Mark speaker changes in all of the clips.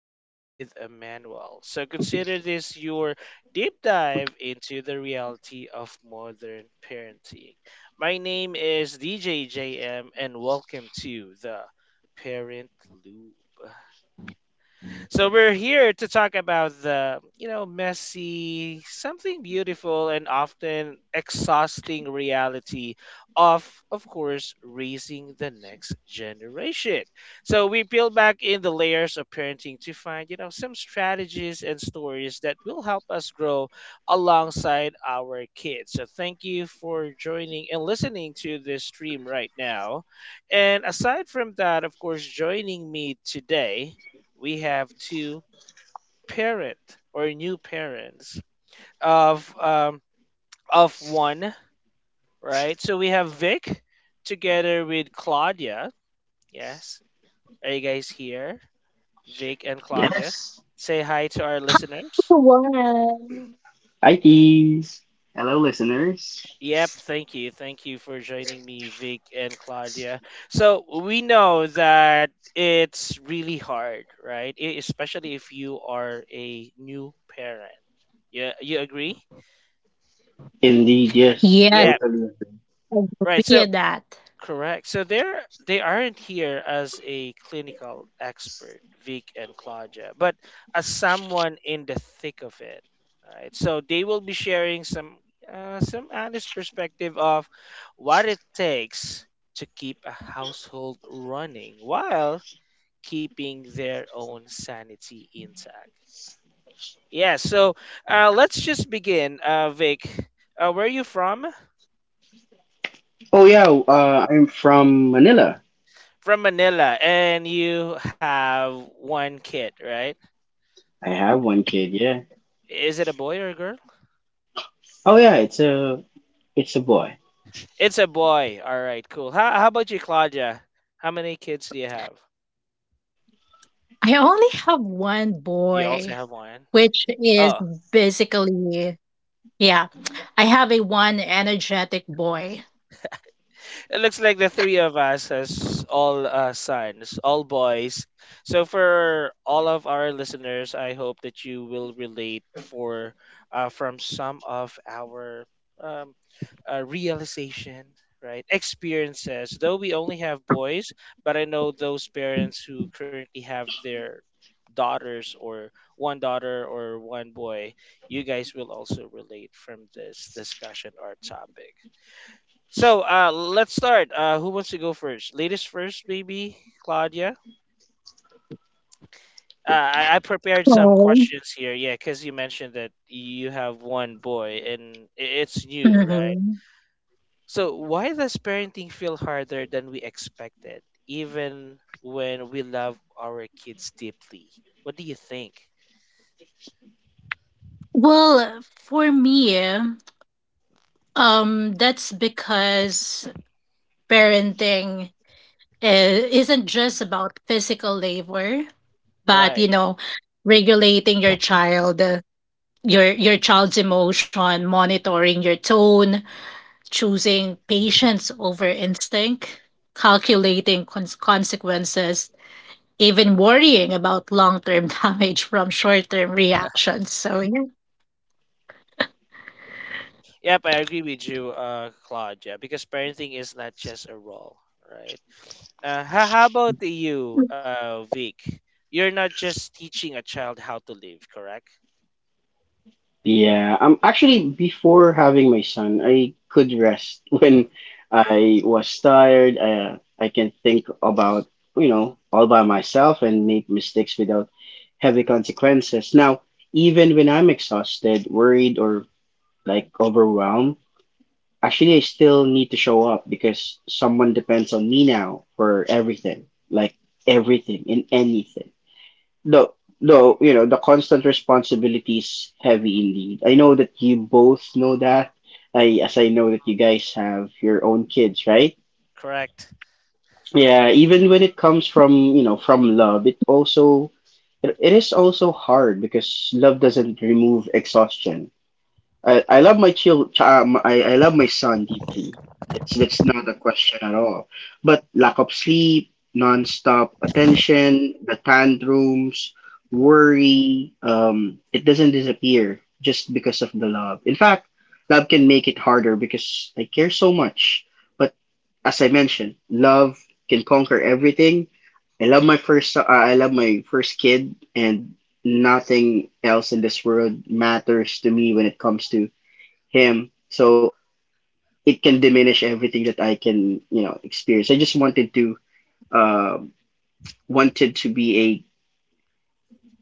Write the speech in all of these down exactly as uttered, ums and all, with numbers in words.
Speaker 1: come with a manual. So consider this your deep dive into the reality of modern parenting. My name is D J J M and welcome to the Parent Loop. So we're here to talk about the, you know, messy, something beautiful and often exhausting reality of of course raising the next generation. So we peel back in the layers of parenting to find, you know, some strategies and stories that will help us grow alongside our kids. So thank you for joining and listening to this stream right now. And aside from that, of course, joining me today we have two parent or new parents of um, of one, right? So we have Vic together with Claudia. Yes, are you guys here? Vic and Claudia,
Speaker 2: Yes.
Speaker 1: say hi to our listeners.
Speaker 3: One.
Speaker 2: Hi, Keys. Hello, listeners.
Speaker 1: Yep, thank you. Thank you for joining me, Vic and Claudia. So we know that it's really hard, right? E- Especially if you are a new parent. Yeah, you agree?
Speaker 2: Indeed, yes.
Speaker 3: Yes,
Speaker 1: Yeah,
Speaker 2: Totally agree.
Speaker 3: I
Speaker 1: right.
Speaker 3: agree
Speaker 1: So,
Speaker 3: with that.
Speaker 1: correct. So they're they aren't here as a clinical expert, Vic and Claudia, but as someone in the thick of it, right? So they will be sharing some uh, some honest perspective of what it takes to keep a household running while keeping their own sanity intact. Yeah. So uh, let's just begin, uh, Vic. Uh, where are you from?
Speaker 2: Oh, yeah. Uh, I'm from Manila.
Speaker 1: From Manila, and you have one kid, right?
Speaker 2: I have one kid, yeah.
Speaker 1: Is it a boy or a girl?
Speaker 2: Oh, yeah. It's a, it's a boy.
Speaker 1: It's a boy. All right, cool. How, how about you, Claudia? How many kids do you have?
Speaker 3: I only have one
Speaker 1: You also
Speaker 3: boy,
Speaker 1: have one.
Speaker 3: which is
Speaker 1: Oh,
Speaker 3: basically, yeah, I have a one energetic boy.
Speaker 1: it looks like the three of us as all uh, sons, all boys. So for all of our listeners, I hope that you will relate for uh, from some of our um, uh, realization, right? Experiences. Though we only have boys, but I know those parents who currently have their daughters or one daughter or one boy, you guys will also relate from this discussion or topic. So uh, let's start. Uh, who wants to go first? Ladies first, maybe Claudia. Uh, I, I prepared some
Speaker 3: Oh.
Speaker 1: questions here. Yeah, because you mentioned that you have one boy and i- it's new, right?
Speaker 3: Hmm.
Speaker 1: So why does parenting feel harder than we expected, even when we love our kids deeply? What do you think?
Speaker 3: Well, for me, um, that's because parenting is, isn't just about physical labor, but
Speaker 1: Right.
Speaker 3: you know, regulating your child uh, your your child's emotion, monitoring your tone, choosing patience over instinct, calculating cons- consequences, even worrying about long-term damage from short-term reactions. So yeah.
Speaker 1: Yep, I agree with you, uh, Claudia, because parenting is not just a role, right? Uh, how, how about you, uh, Vic? You're not just teaching a child how to live, correct?
Speaker 2: Yeah. Um, actually, before having my son, I could rest when I was tired. I, I can think about, you know, all by myself and make mistakes without heavy consequences. Now, even when I'm exhausted, worried, or like overwhelmed, actually, I still need to show up because someone depends on me now for everything, like everything and anything. Though, though, you know, the constant responsibility is heavy indeed. I know that you both know that. I, as I know that you guys have your own kids, right?
Speaker 1: Correct.
Speaker 2: Yeah, even when it comes from, you know, from love, it also it, it is also hard because love doesn't remove exhaustion. I, I love my child. um, I, I love my son deeply. That's that's not a question at all. But lack of sleep, nonstop attention, the tantrums, worry, um, it doesn't disappear just because of the love. In fact, love can make it harder because I care so much. But as I mentioned, love can conquer everything. I love my first. so- Uh, I love my first kid, and nothing else in this world matters to me when it comes to him. So it can, diminish everything that I can, you know, experience. I just wanted to uh, wanted to be a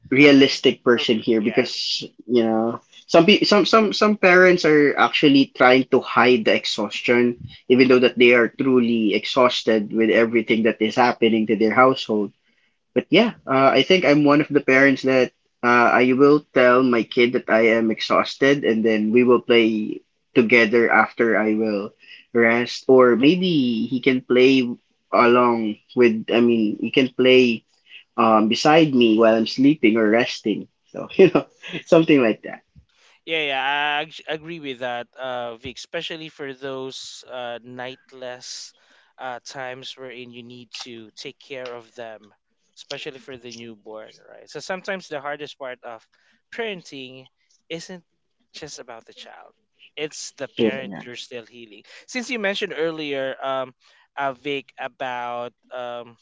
Speaker 2: realistic
Speaker 1: Er,
Speaker 2: person here
Speaker 1: Yeah.
Speaker 2: because you know some pe- some some some parents are actually trying to hide the exhaustion even though that they are truly exhausted with everything that is happening to their household. But yeah, uh, I think I'm one of the parents that uh, I will tell my kid that I am exhausted, and then we will play together after I will rest, or maybe he can play along with. I mean, he can play um beside me while I'm sleeping or resting. So you know, something like that.
Speaker 1: Yeah, yeah, I ag- agree with that, uh, Vic. Especially for those uh, nightless uh, times wherein you need to take care of them, especially for the newborn, right? So sometimes the hardest part of parenting isn't just about the child; it's the parent
Speaker 2: Yeah.
Speaker 1: you're still healing. Since you mentioned earlier, um, uh, Vic, about um,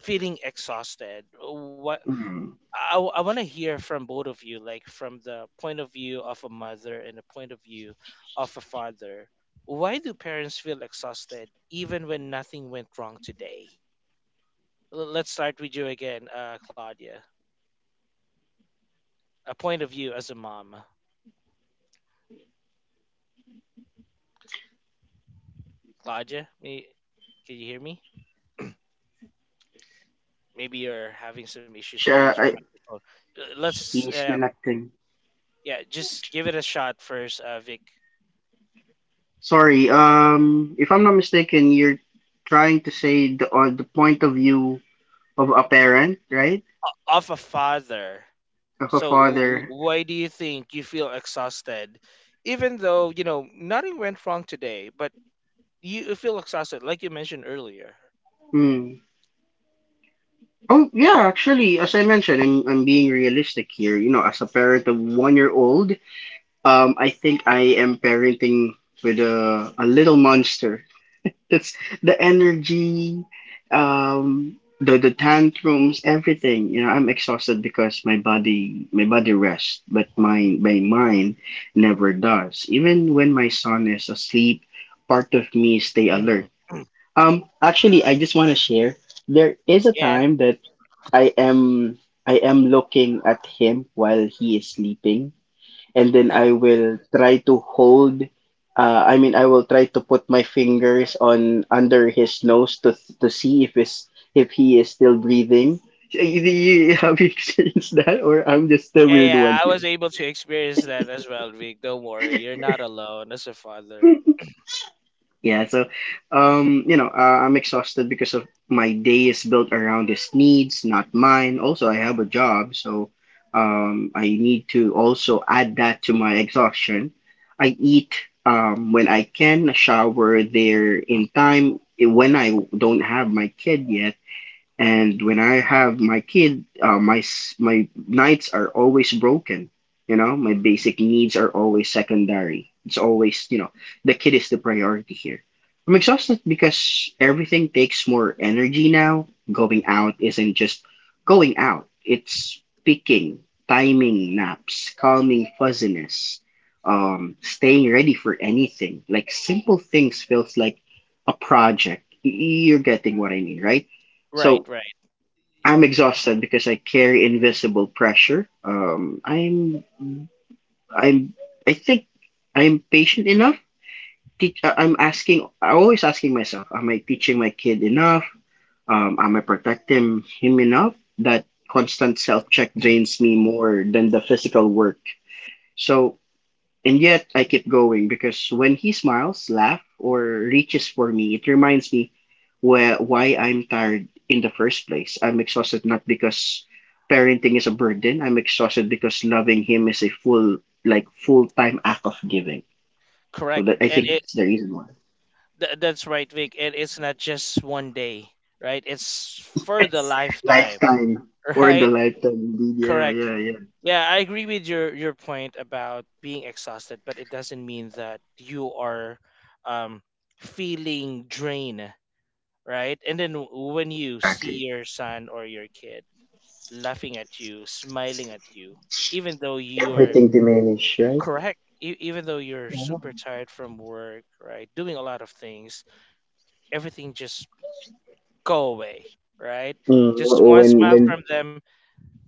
Speaker 1: feeling exhausted, what
Speaker 2: Mm.
Speaker 1: I, I want to hear from both of you, like from the point of view of a mother and the point of view of a father. Why do parents feel exhausted even when nothing went wrong today? L- Let's start with you again, uh, Claudia. A point of view as a mom. Claudia, me, can you hear me? Maybe you're having some issues with
Speaker 2: Siya,
Speaker 1: your
Speaker 2: I,
Speaker 1: microphone. L- Let's,
Speaker 2: he's
Speaker 1: uh,
Speaker 2: connecting.
Speaker 1: yeah, just give it a shot first, uh, Vic.
Speaker 2: Sorry. Um, if I'm not mistaken, you're trying to say the or the point of view of a parent, right?
Speaker 1: Of a father.
Speaker 2: Of a
Speaker 1: So w-
Speaker 2: father.
Speaker 1: why do you think you feel exhausted, even though you know nothing went wrong today, but you you feel exhausted, like you mentioned earlier?
Speaker 2: Mm. Oh yeah, actually, as I mentioned, I'm I'm being realistic here. You know, as a parent of one year old, um, I think I am parenting with a a little monster. That's the energy, um, the the tantrums, everything. You know, I'm exhausted because my body my body rests, but my my mind never does. Even when my son is asleep, part of me stay
Speaker 1: Hmm.
Speaker 2: alert. Um, actually, I just want to share. There is a
Speaker 1: Yeah.
Speaker 2: time that I am I am looking at him while he is sleeping, and then I will try to hold. Uh, I mean, I will try to put my fingers on under his nose to to see if is if he is still breathing. Do you have you experienced that, or I'm just the
Speaker 1: Yeah,
Speaker 2: weird
Speaker 1: yeah,
Speaker 2: one
Speaker 1: I
Speaker 2: here?
Speaker 1: was able to experience that as well, Vic. Don't worry, you're not alone as a father.
Speaker 2: Yeah, so um, you know, uh, I'm exhausted because of my day is built around his needs, not mine. Also, I have a job, so um, I need to also add that to my exhaustion. I eat um when I can, shower there in time eh, when I don't have my kid yet and when I have my kid, uh, my s- my nights are always broken. You know, my basic needs are always secondary. It's always you know the kid is the priority here. I'm exhausted because everything takes more energy now. Going out isn't just going out. It's picking, timing naps, calming fuzziness, um, staying ready for anything. Like simple things feels like a project. Y- You're getting what I mean, right?
Speaker 1: Right,
Speaker 2: So
Speaker 1: right,
Speaker 2: I'm exhausted because I carry invisible pressure. Um, I'm, I'm, I think I'm patient enough. Teach, uh, I'm asking, I'm always asking myself, am I teaching my kid enough? Um, am I protecting him enough? That constant self check drains me more than the physical work. So and yet I keep going because when he smiles, laughs, or reaches for me, it reminds me wh- why I'm tired in the first place. I'm exhausted not because parenting is a burden. I'm exhausted because loving him is a full, like full time act of giving. So
Speaker 1: correct,
Speaker 2: that I
Speaker 1: and
Speaker 2: think
Speaker 1: it
Speaker 2: that's the reason why.
Speaker 1: th- that's right, Vic. And it's not just one day, right? It's for the
Speaker 2: It's
Speaker 1: lifetime,
Speaker 2: lifetime or the
Speaker 1: right?
Speaker 2: lifetime, indeed. Yeah,
Speaker 1: Correct.
Speaker 2: yeah, yeah.
Speaker 1: Yeah, I agree with your your point about being exhausted, but it doesn't mean that you are um feeling drained, right? And then w- when you see
Speaker 2: Exactly.
Speaker 1: your son or your kid laughing at you, smiling at you, even though you're
Speaker 2: Everything to manage, right?
Speaker 1: correct, e- even though you're
Speaker 2: Yeah.
Speaker 1: super tired from work, right? Doing a lot of things, everything just go away, right?
Speaker 2: Mm,
Speaker 1: Just one
Speaker 2: when
Speaker 1: smile
Speaker 2: when
Speaker 1: from them,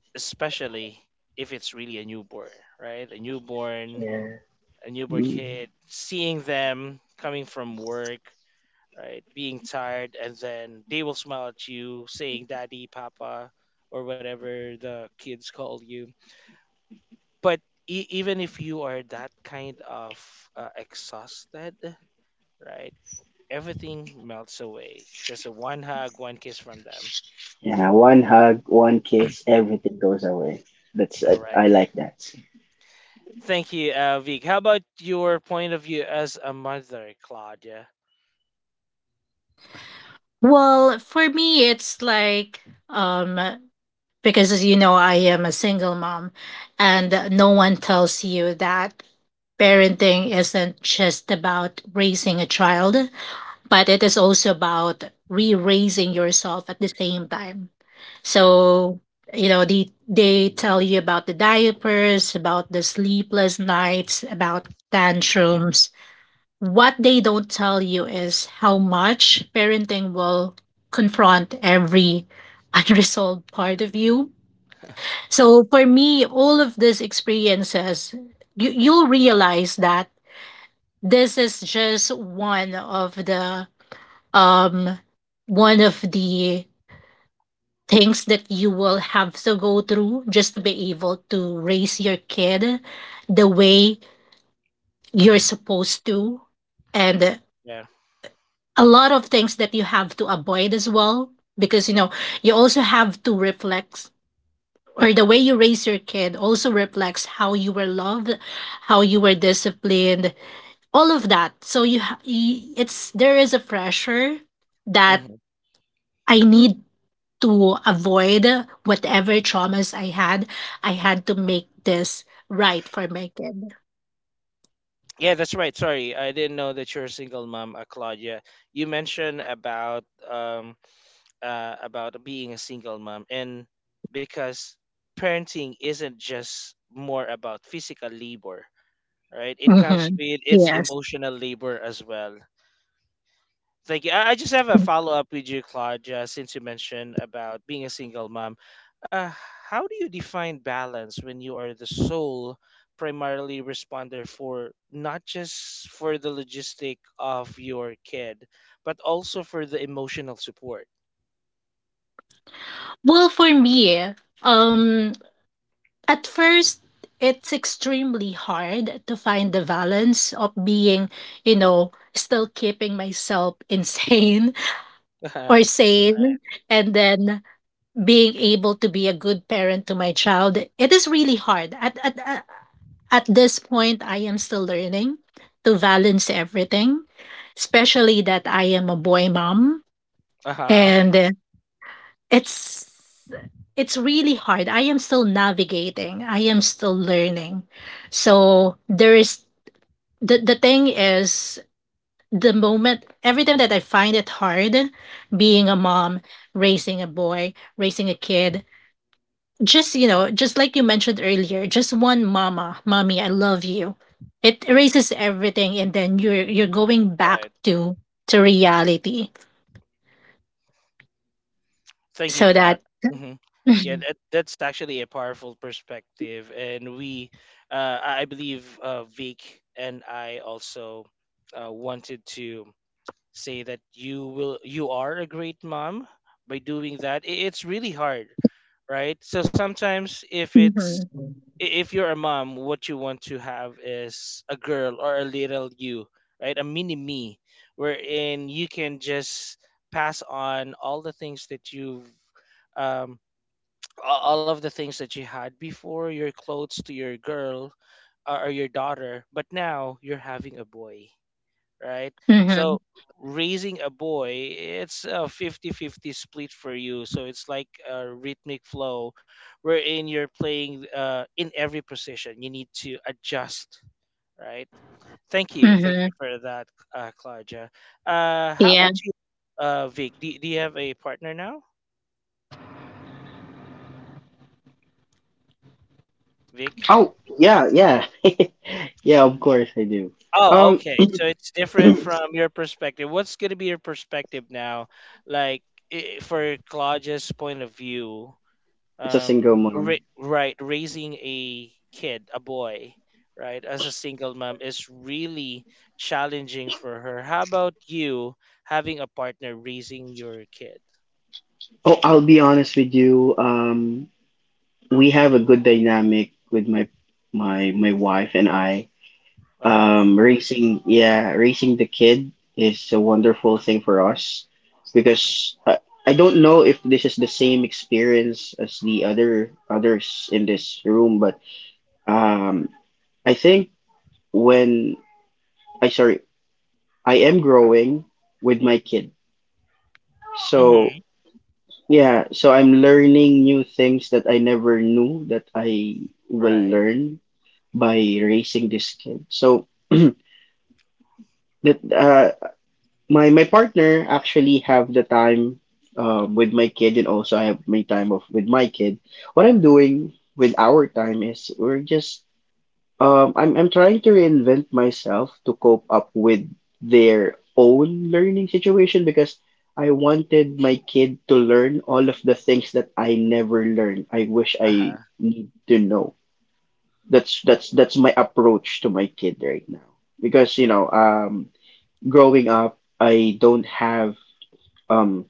Speaker 1: especially if it's really a newborn, right? A newborn
Speaker 2: yeah.
Speaker 1: a newborn
Speaker 2: Mm-hmm.
Speaker 1: kid, seeing them coming from work, right, being tired, and then they will smile at you, saying "daddy, papa," or whatever the kids call you. But e- even if you are that kind of uh, exhausted, right, everything melts away. Just a one hug, one kiss from them.
Speaker 2: Yeah, one hug, one kiss, everything goes away. That's it. I
Speaker 1: Correct.
Speaker 2: like that.
Speaker 1: Thank you, uh, Vic. How about your point of view as a mother, Claudia?
Speaker 3: Well, for me, it's like, um, because as you know, I am a single mom, and no one tells you that parenting isn't just about raising a child, but it is also about re-raising yourself at the same time. So, you know, they they tell you about the diapers, about the sleepless nights, about tantrums. What they don't tell you is how much parenting will confront every unresolved part of you. So for me, all of these experiences, you, you'll realize that this is just one of the, um, one of the things that you will have to go through just to be able to raise your kid the way you're supposed to. And
Speaker 1: Yeah.
Speaker 3: a lot of things that you have to avoid as well, because you know, you also have to reflect, or the way you raise your kid also reflects how you were loved, how you were disciplined, all of that. So you, ha- y- it's, there is a pressure that
Speaker 1: Mm-hmm.
Speaker 3: I need to avoid whatever traumas I had. I had to make this right for my kid.
Speaker 1: Yeah, that's right. Sorry, I didn't know that you're a single mom, uh, Claudia. You mentioned about um uh about being a single mom, and because parenting isn't just more about physical labor, right? It comes
Speaker 3: Hmm.
Speaker 1: with its
Speaker 3: Yes.
Speaker 1: emotional labor as well. Thank you. I I just have a follow up with you, Claude, uh, since you mentioned about being a single mom. Uh, how do you define balance when you are the sole primarily responder for not just for the logistic of your kid, but also for the emotional support?
Speaker 3: Well, for me, um, at first, it's extremely hard to find the balance of being, you know, still keeping myself insane or sane, and then being able to be a good parent to my child. It is really hard. At at at at this point, I am still learning to balance everything, especially that I am a boy mom,
Speaker 1: Uh-huh. Uh-huh.
Speaker 3: and it's it's really hard. I am still navigating. I am still learning. So there is, the the thing is, the moment, every time that I find it hard being a mom, raising a boy, raising a kid, just you know, just like you mentioned earlier, just one mama, mommy, I love you. It erases everything, and then you're you're going back
Speaker 1: Right.
Speaker 3: to to reality.
Speaker 1: Thank you,
Speaker 3: So that.
Speaker 1: Claude. Hmm. Yeah, that, that's actually a powerful perspective. And we, uh, I I believe uh, Vic and I also uh, wanted to say that you will you are a great mom by doing that. I- it's really hard, right? So sometimes, if it's
Speaker 3: Mhm.
Speaker 1: I- if you're a mom, what you want to have is a girl or a little you, right, a mini me, wherein you can just pass on all the things that you've um a- all of the things that you had before, your clothes, to your girl or or your daughter. But now you're having a boy, right? So
Speaker 3: Mhm.
Speaker 1: raising a boy, it's a fifty-fifty split for you. So it's like a rhythmic flow wherein you're playing uh, in every position. You need to adjust, right? Thank you. Thank you
Speaker 3: Mhm.
Speaker 1: for that, uh, Claudia. Uh, how about
Speaker 3: Mhm.
Speaker 1: you, uh, Vic? Do, do you have a partner now, Vic?
Speaker 2: Oh, yeah, yeah. yeah, of course I do.
Speaker 1: Oh,
Speaker 2: Um,
Speaker 1: okay. So it's different from your perspective. What's going to be your perspective now? Like, I for Claudia's point of view,
Speaker 2: it's a
Speaker 1: um,
Speaker 2: single
Speaker 1: ra
Speaker 2: mom.
Speaker 1: right, raising a kid, a boy, right, as a single mom, is really challenging for her. How about you having a partner raising your kid?
Speaker 2: Oh, I'll be honest with you. Um, we have a good dynamic with my my my wife and I.
Speaker 1: Wow.
Speaker 2: Um, raising yeah, raising the kid is a wonderful thing for us because I, I don't know if this is the same experience as the other others in this room, but um I think when I sorry, I am growing with my kid. So
Speaker 1: Mm-hmm.
Speaker 2: yeah, so I'm learning new things that I never knew that I will
Speaker 1: Right.
Speaker 2: learn by raising this kid. So that uh, my my partner actually have the time um, with my kid and also I have my time of with my kid. What I'm doing with our time is we're just. Um, I'm I'm trying to reinvent myself to cope up with their own learning situation because I wanted my kid to learn all of the things that I never learned. I wish
Speaker 1: Uh-huh.
Speaker 2: I need to know. That's that's that's my approach to my kid right now. Because, you know, um growing up, I don't have um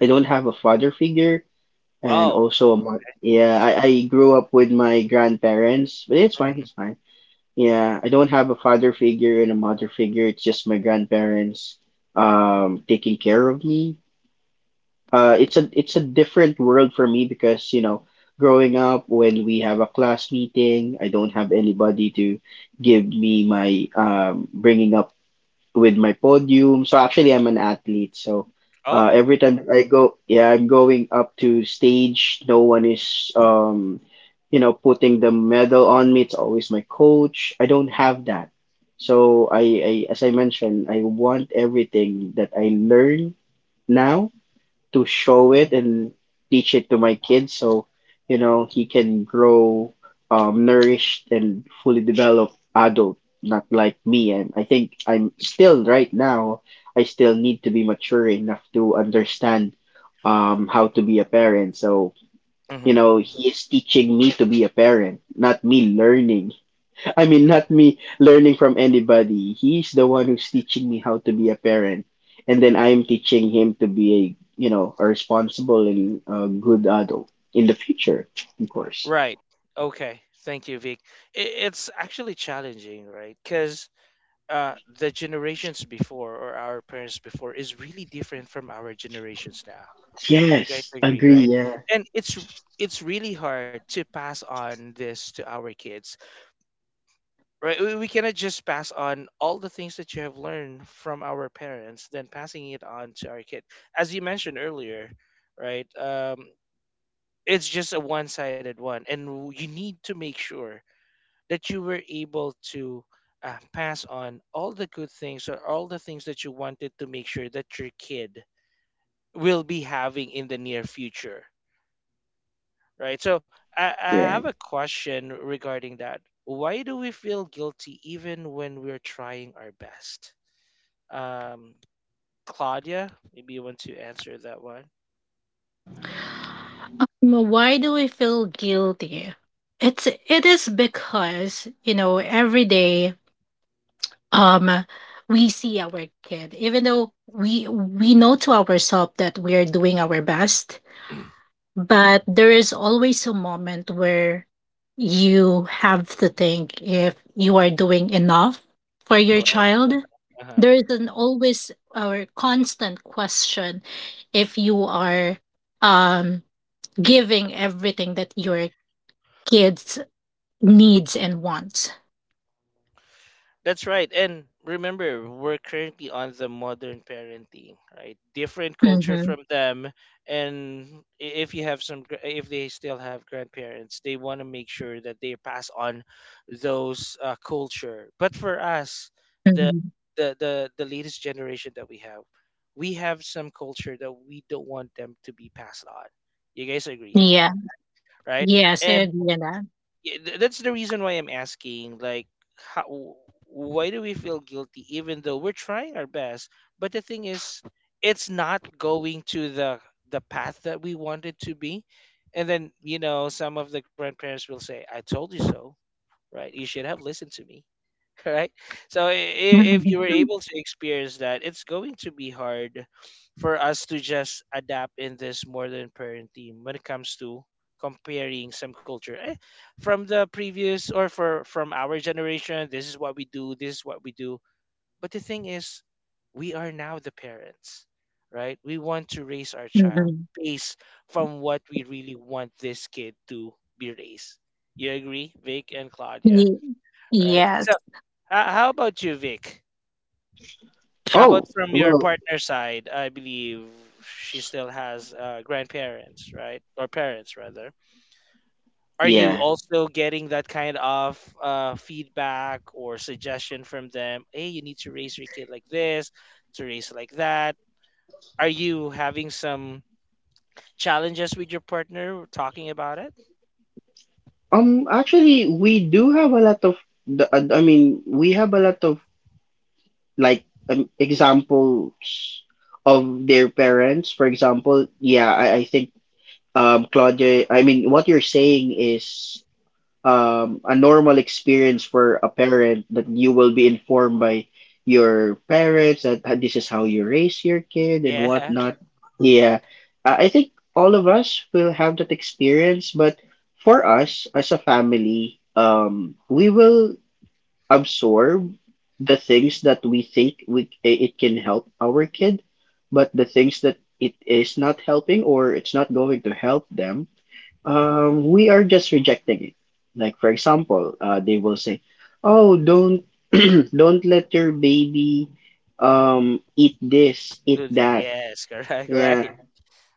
Speaker 2: I don't have a father figure and
Speaker 1: Oh,
Speaker 2: also a mo- yeah, I,
Speaker 1: sorry.
Speaker 2: I grew up with my grandparents, but it's fine,
Speaker 1: Hmm.
Speaker 2: it's fine. Yeah, I don't have a father figure and a mother figure. It's just my grandparents um taking care of me. Uh it's a it's a different world for me because, you know, growing up when we have a class meeting, I don't have anybody to give me my um bringing up with my podium. So actually, I'm an athlete. So uh,
Speaker 1: Oh.
Speaker 2: every time that I go, yeah, I'm going up to stage. No one is, um, you know, putting the medal on me. It's always my coach. I don't have that. So I, I as I mentioned, I want everything that I learn now to show it
Speaker 1: Mm-hmm.
Speaker 2: and teach it to my kid so you know he can grow um, nourished and fully developed adult not like me. And I think I'm still right now. I still need to be mature enough to understand um, how to be a parent. So you
Speaker 1: Mm-hmm.
Speaker 2: know he is teaching me to be a parent, not me learning I mean, not me learning from anybody. He's the one who's teaching me how to be a parent, and then I am teaching him to be a you know a responsible and a good adult in the future, of course.
Speaker 1: Right. Okay. Thank you, Vic. I- It's actually challenging, right? Because uh, the generations before or our parents before is really different from our generations now. You guys
Speaker 2: Yes,
Speaker 1: agree,
Speaker 2: agree.
Speaker 1: right?
Speaker 2: Yeah,
Speaker 1: And it's r- it's really hard to pass on this to our kids, right? We, we cannot just pass on all the things that you have learned from our parents, then passing it on to our kid. As you mentioned earlier, right? Um, it's just a one-sided one, and you need to make sure that you were able to uh, pass on all the good things or all the things that you wanted to make sure that your kid will be having in the near future, right? So I, I
Speaker 2: you're
Speaker 1: have a
Speaker 2: right.
Speaker 1: question regarding that. Why do we feel guilty even when we're trying our best? Um, Claudia, maybe you want to answer that one.
Speaker 3: Well, why do we feel guilty? It's it is because, you know, every day, um, we see our kid, even though we we know to ourselves that we are doing our best, but there is always a moment where you have to think if you are doing enough for your
Speaker 1: Correct.
Speaker 3: child.
Speaker 1: Uh huh.
Speaker 3: There is an always or constant question if you are, um, giving everything that your kids' needs and wants.
Speaker 1: That's right. And remember, we're currently on the modern parenting, right? Different culture
Speaker 3: Mhm,
Speaker 1: from them. And I- if you have some, gra- if they still have grandparents, they want to make sure that they pass on those uh, culture. But for us,
Speaker 3: mhm.
Speaker 1: the, the the the latest generation that we have, we have some culture that we don't want them to be passed on. You guys agree,
Speaker 3: Yeah.
Speaker 1: right?
Speaker 3: Yes, I agree on that.
Speaker 1: Yeah, th- that's the reason why I'm asking, like, how, why do we feel guilty even though we're trying our best? But the thing is, it's not going to the the path that we want it to be. And then, you know, some of the grandparents will say, "I told you so," right? You should have listened to me, right? So if, if you were able to experience that, it's going to be hard for us to just adapt in this modern parenting when it comes to comparing some culture, eh, from the previous or for from our generation. This is what we do. This is what we do. But the thing is, we are now the parents, right? We want to raise our child
Speaker 3: Mhm.
Speaker 1: based from what we really want this kid to be raised. You agree, Vic and Claudia,
Speaker 3: Ye-
Speaker 1: right?
Speaker 3: Yes.
Speaker 1: So, uh, how about you, Vic? How about
Speaker 2: Oh
Speaker 1: from your
Speaker 2: well,
Speaker 1: partner side? I believe she still has uh, grandparents, right? Or parents, rather. Are you
Speaker 2: yeah.
Speaker 1: also getting that kind of uh, feedback or suggestion from them? Hey, you need to raise your kid like this, to raise like that. Are you having some challenges with your partner talking about it?
Speaker 2: Um, actually, we do have a lot of the. Uh, I mean, we have a lot of like um, examples of their parents. For example, yeah, I, I think um, Claudia, I mean, what you're saying is um, a normal experience for a parent that you will be informed by your parents that uh, this is how you raise your kid and
Speaker 1: Yeah.
Speaker 2: whatnot. Yeah, I I think all of us will have that experience, but for us as a family, um, we will absorb the things that we think we it can help our kid, but the things that it is not helping or it's not going to help them, um, we are just rejecting it. Like for example, uh, they will say, "Oh, don't don't let your baby um eat this, eat
Speaker 1: Good.
Speaker 2: that."
Speaker 1: Yes, correct,
Speaker 2: Yeah,
Speaker 1: right?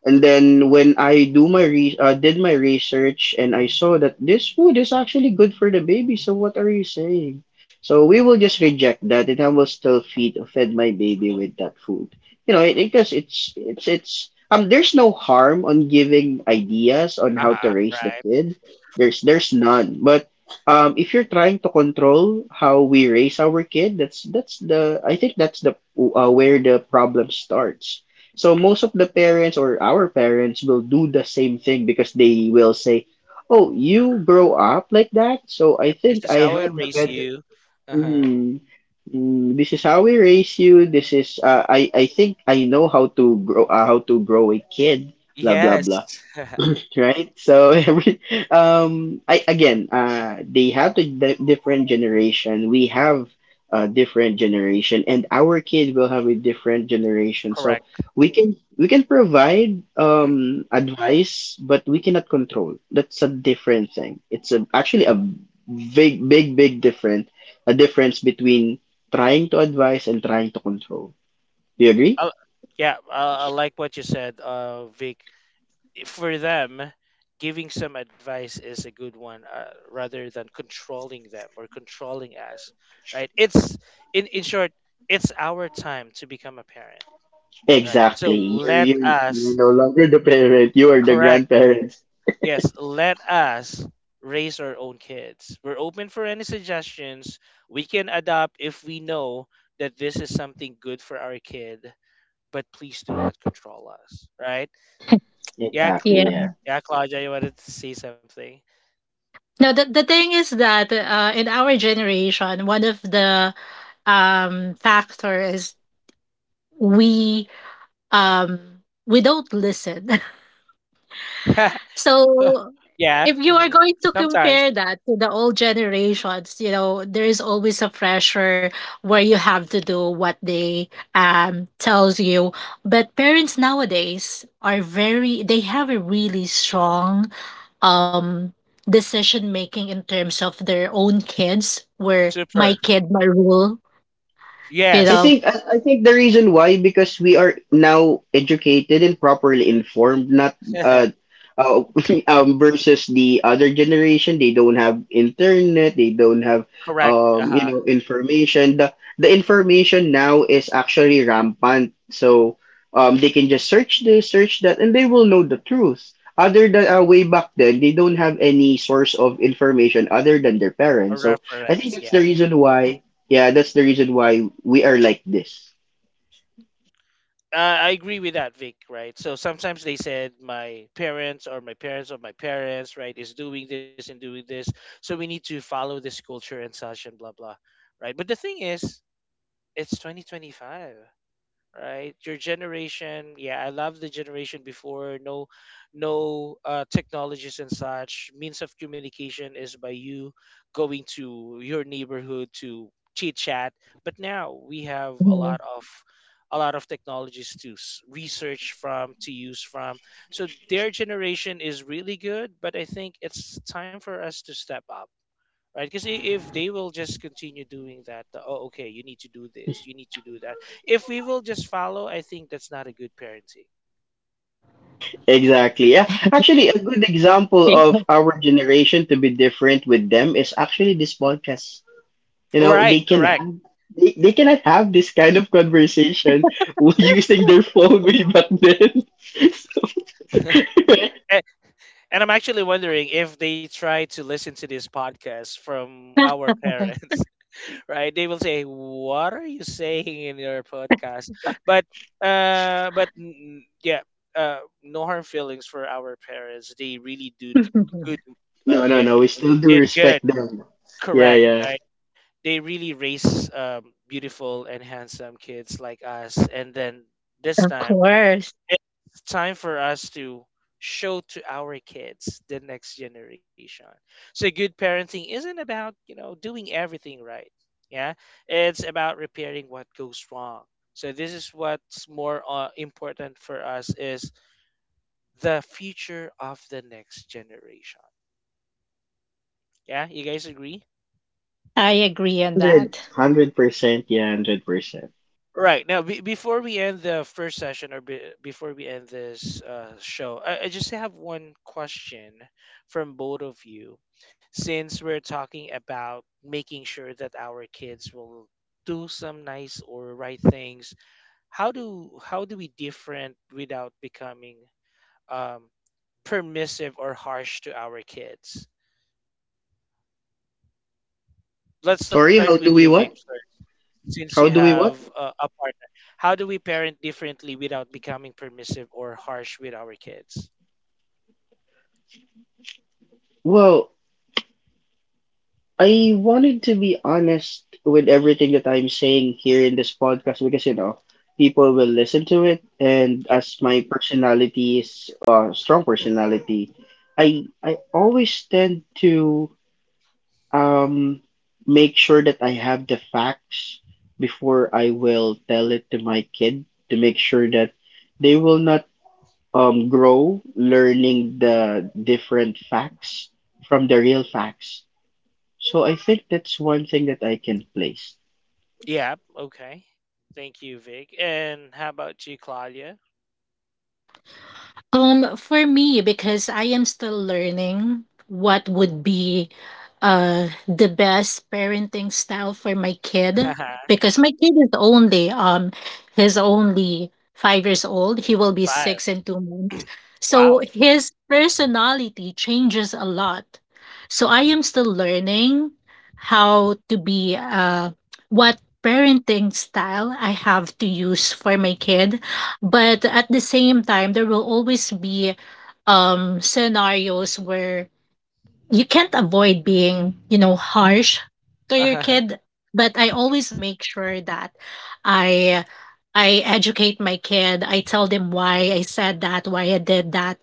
Speaker 2: and then when I do my re- uh, did my research and I saw that this food is actually good for the baby, so what are you saying? So we will just reject that, and I will still feed fed my baby with that food. You know, it, because it's it's it's um there's no harm on giving ideas on how to
Speaker 1: Uh-huh,
Speaker 2: raise the
Speaker 1: right.
Speaker 2: kid. There's there's none. But um if you're trying to control how we raise our kid, that's that's the I think that's the uh, where the problem starts. So most of the parents or our parents will do the same thing because they will say, "Oh, you grow up like that, so I
Speaker 1: Yep. This
Speaker 2: think
Speaker 1: is
Speaker 2: I
Speaker 1: how I
Speaker 2: have the
Speaker 1: raise
Speaker 2: better.
Speaker 1: you. Uh-huh.
Speaker 2: Mm, mm, this is how we raise you. This is uh, I I think I know how to grow uh, how to grow a kid. Blah blah blah."
Speaker 1: Yes.
Speaker 2: Right? So every um, I again, uh, they have the, the different generation. We have a different generation, and our kid will have a different generation. So
Speaker 1: Correct.
Speaker 2: we can we can provide um advice, but we cannot control. That's a different thing. It's a, actually a big big big different a difference between trying to advise and trying to control. Do you agree?
Speaker 1: Uh, yeah, I, I like what you said, uh, Vic. For them, giving some advice is a good one, uh, rather than controlling them or controlling us, right? It's in in short, it's our time to become a parent, right? So
Speaker 2: Exactly. You're
Speaker 1: let
Speaker 2: you're you're
Speaker 1: us
Speaker 2: no longer the parent. You are the
Speaker 1: correct.
Speaker 2: grandparents.
Speaker 1: Yes, let us raise our own kids. We're open for any suggestions. We can adopt if we know that this is something good for our kid but please do not control us, right? Yeah, Cl-
Speaker 2: Exactly,
Speaker 3: Yeah.
Speaker 2: yeah.
Speaker 1: yeah, Claudia, you wanted to say something?
Speaker 3: Now the the thing is that, uh, in our generation, one of the, um, factor is we, um, we don't listen. So
Speaker 1: Yeah,
Speaker 3: if you are
Speaker 1: hmm,
Speaker 3: going to
Speaker 1: sometimes
Speaker 3: compare that to the old generations, you know, there is always a pressure where you have to do what they, um, tells you. But parents nowadays are very, they have a really strong, um, decision making in terms of their own kids, where my
Speaker 1: super.
Speaker 3: kid, my rule, you
Speaker 2: I
Speaker 3: know.
Speaker 1: Yes,
Speaker 2: think I, I think the reason why because we are now educated and properly informed, not uh, uh um versus the other generation. They don't have internet. They don't have
Speaker 1: correct.
Speaker 2: um you
Speaker 1: Uh-huh.
Speaker 2: know information. The the information now is actually rampant. So um they can just search this, search that, and they will know the truth. Other than uh, way back then, they don't have any source of information other than their
Speaker 1: A
Speaker 2: parents. So I think
Speaker 1: reference,
Speaker 2: that's the
Speaker 1: yeah.
Speaker 2: reason why. Yeah, that's the reason why we are like this.
Speaker 1: Uh, I agree with that, Vic. Right. So sometimes they said my parents or my parents of my parents, right, is doing this and doing this, so we need to follow this culture and such and blah blah, right? But the thing is, it's twenty twenty-five. Right? Your generation, yeah, I love the generation before. No, no uh, technologies and such. Means of communication is by you going to your neighborhood to chit chat. But now we have a
Speaker 3: Mhm.
Speaker 1: lot of a lot of technologies to s- research from to use from, so their generation is really good, but I think it's time for us to step up, right? Because if they will just continue doing that, the, oh, okay, you need to do this, you need to do that. If we will just follow, I think that's not a good parenting.
Speaker 2: Exactly. Yeah. Actually, a good example of our generation to be different with them is actually this podcast. You know,
Speaker 1: Right,
Speaker 2: they can
Speaker 1: correct.
Speaker 2: have they, they cannot have this kind of conversation using their phone way back then. So,
Speaker 1: A- And I'm actually wondering if they try to listen to this podcast from our parents, right? They will say, "What are you saying in your podcast?" But, uh, but mm, yeah, uh, no harm feelings for our parents. They really do good. Uh,
Speaker 2: no, no,
Speaker 1: yeah,
Speaker 2: no. We still do
Speaker 1: did good.
Speaker 2: respect them. Yeah,
Speaker 1: Correct,
Speaker 2: yeah.
Speaker 1: right? They really raise um, beautiful and handsome kids like us. And then this
Speaker 3: Of
Speaker 1: time,
Speaker 3: course.
Speaker 1: it's time for us to show to our kids the next generation. So good parenting isn't about you know doing everything right. Yeah, it's about repairing what goes wrong. So this is what's more uh, important for us is the future of the next generation. Yeah, you guys agree?
Speaker 3: I agree on
Speaker 2: Hundred,
Speaker 3: that.
Speaker 2: hundred percent. Yeah, hundred percent.
Speaker 1: Right now, be before we end the first session or be- before we end this uh, show, I-, I just have one question from both of you. Since we're talking about making sure that our kids will do some nice or right things, how do how do we different without becoming um, permissive or harsh to our kids? Let's start with
Speaker 2: Sorry.
Speaker 1: you,
Speaker 2: How
Speaker 1: Vic.
Speaker 2: do we what?
Speaker 1: Since you
Speaker 2: How do
Speaker 1: have
Speaker 2: we
Speaker 1: uh,
Speaker 2: what?
Speaker 1: a partner, how do we parent differently without becoming permissive or harsh with our kids?
Speaker 2: Well, I wanted to be honest with everything that I'm saying here in this podcast because you know people will listen to it, and
Speaker 1: Yeah,
Speaker 2: as my personality is uh, strong personality, I I always tend to um make sure that I have the facts before I will tell it to my kid to make sure that they will not um grow learning the different facts from the real facts, so I think that's one thing that I can place.
Speaker 1: yeah, okay, thank you, Vic. And how about you, Claudia?
Speaker 3: Um, for me, because I am still learning what would be, uh, the best parenting style for my kid, because my kid is only, um, he's only five years old. He will be
Speaker 1: Five,
Speaker 3: six in two months, so
Speaker 1: wow.
Speaker 3: his personality changes a lot. So I am still learning how to be, uh, what parenting style I have to use for my kid. But at the same time, there will always be, um, scenarios where you can't avoid being, you know, harsh to your
Speaker 1: All
Speaker 3: kid. But I always make sure that i i educate my kid, I tell them why I said that, why I did that.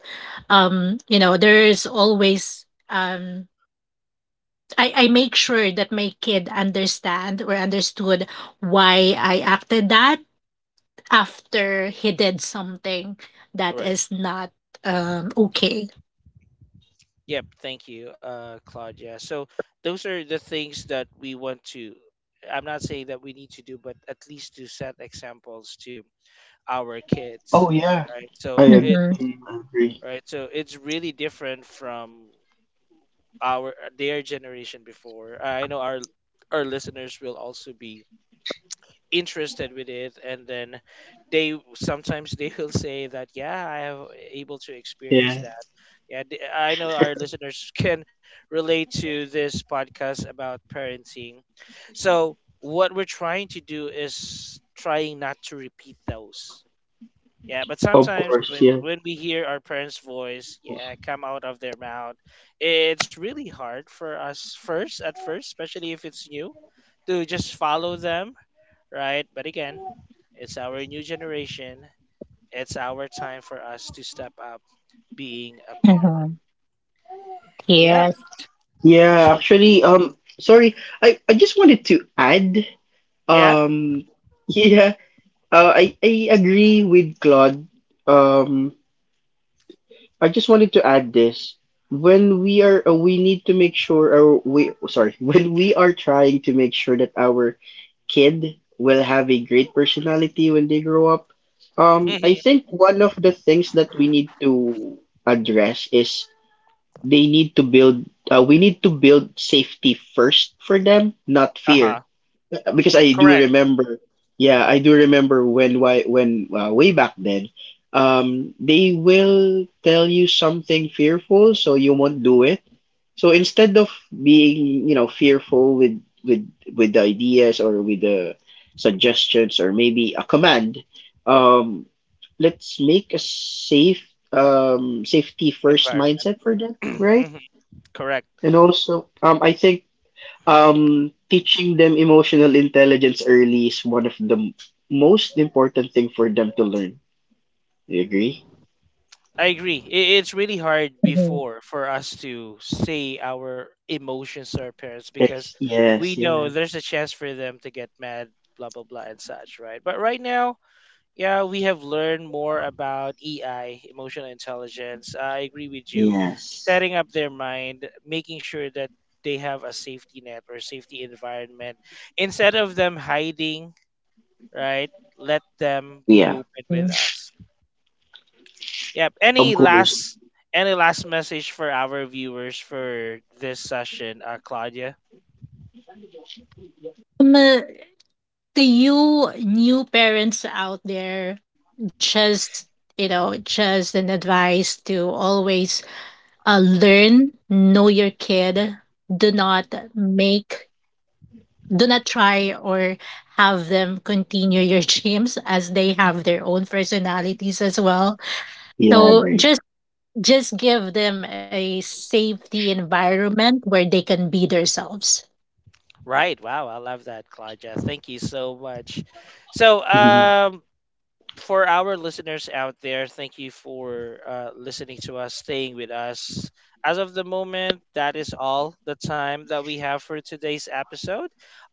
Speaker 3: Um, you know, there's always, um, I, I make sure that my kid understand or understood why I acted that after he did something that
Speaker 1: right.
Speaker 3: is not, um, okay.
Speaker 1: Yep, thank you, uh Claudia. So those are the things that we want to, I'm not saying that we need to do, but at least to set examples to our
Speaker 2: Oh
Speaker 1: kids,
Speaker 2: yeah,
Speaker 1: right?
Speaker 2: I
Speaker 1: So it
Speaker 2: ag-
Speaker 1: it-
Speaker 3: Mm-hmm.
Speaker 2: mm, I agree.
Speaker 1: right, so it's really different from our uh, their generation before. Uh, I know our our listeners will also be interested with it, and then they sometimes they will say that yeah, I have uh, able to experience
Speaker 2: Yeah,
Speaker 1: that, yeah, th- I know our listeners can relate to this podcast about parenting. So what we're trying to do is trying not to repeat those, yeah, but
Speaker 2: of
Speaker 1: sometimes
Speaker 2: course.
Speaker 1: when
Speaker 2: Yeah,
Speaker 1: when we hear our parents' voice, yeah, come out of their mouth, it's really hard for us first at first, especially if it's new, to just follow them, right? But again, it's our new generation. It's our time for us to step up being a parent.
Speaker 3: Mm-hmm.
Speaker 1: Yep.
Speaker 3: Yes.
Speaker 2: yeah.
Speaker 1: So
Speaker 2: Actually, um, sorry, I I just wanted to add.
Speaker 1: yeah,
Speaker 2: Um, yeah, uh, I I agree with Claude. Um, I just wanted to add this. When we are, uh, we need to make sure our we sorry when we are trying to make sure that our kid will have a great personality when they grow up. Um, I
Speaker 1: hmm.
Speaker 2: think one of the things that we need to address is they need to build, uh, we need to build safety first for them, not
Speaker 1: Uh huh.
Speaker 2: fear. Uh, Because I do
Speaker 1: Correct.
Speaker 2: remember, yeah, I do remember when, why, when, uh, way back then, um, they will tell you something fearful, so you won't do it, so instead of being, you know, fearful with with with the ideas or with the suggestions or maybe a command, um, let's make a safe um safety first
Speaker 1: Environment.
Speaker 2: mindset for them, right?
Speaker 1: Hmm. Correct.
Speaker 2: And also, um, I think um teaching them emotional intelligence early is one of the m- most important thing for them to learn. You agree?
Speaker 1: I agree. I- It's really hard
Speaker 3: Mm-hmm.
Speaker 1: before for us to say our emotions to our parents because
Speaker 2: Yes,
Speaker 1: we
Speaker 2: yes,
Speaker 1: know
Speaker 2: yeah,
Speaker 1: there's a chance for them to get mad, blah, blah, blah, and such, right? But right now, yeah, we have learned more about E I, emotional intelligence. I agree with you.
Speaker 2: yes,
Speaker 1: Setting up their mind, making sure that they have a safety net or safety environment instead of them hiding, right? Let them be
Speaker 2: yeah.
Speaker 1: open with us. Yep. Any
Speaker 2: Of course,
Speaker 1: last any last message for our viewers for this session, uh, Claudia?
Speaker 3: Um, uh, do you new parents out there, just, you know, just an advice, to always, uh, learn, know your kid. Do
Speaker 1: Mhm.
Speaker 3: not make, do not try, or have them continue your dreams, as they have their own personalities as well.
Speaker 2: yeah, I
Speaker 3: So
Speaker 2: agree.
Speaker 3: just just give them a safety environment where they can be themselves.
Speaker 1: Right. Wow, I love that, Claudia. Thank you so much. So, um, for our listeners out there, thank you for uh, listening to us, staying with us. As of the moment, that is all the time that we have for today's episode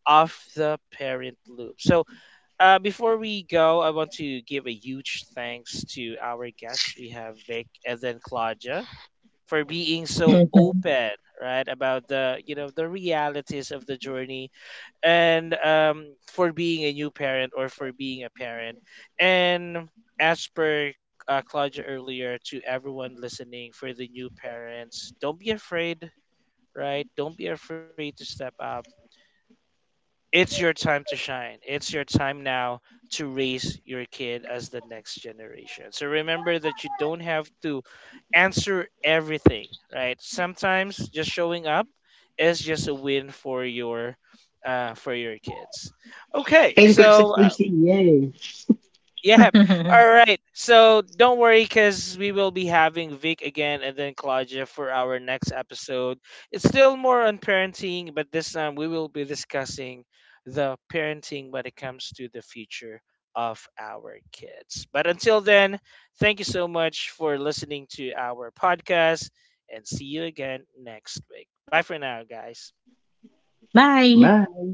Speaker 1: of the Parent Loop. So, uh, before we go, I want to give a huge thanks to our guests. We have Vic and then Claudia for being so
Speaker 3: Mhm.
Speaker 1: open, right, about the you know the realities of the journey, and um, for being a new parent or for being a parent. And as per uh, Claudia earlier, to everyone listening, for the new parents, don't be afraid, right? Don't be afraid to step up, it's your time to shine. It's your time now to raise your kid as the next generation. So remember that you don't have to answer everything, right? Sometimes just showing up is just a win for your uh, for your kids. Okay, so
Speaker 2: inconsistency, yay.
Speaker 1: yeah. All right. So don't worry because we will be having Vic again and then Claudia for our next episode. It's still more on parenting, but this time we will be discussing the parenting when it comes to the future of our kids. But until then, thank you so much for listening to our podcast and see you again next week. Bye for now, guys.
Speaker 3: Bye.
Speaker 2: Bye.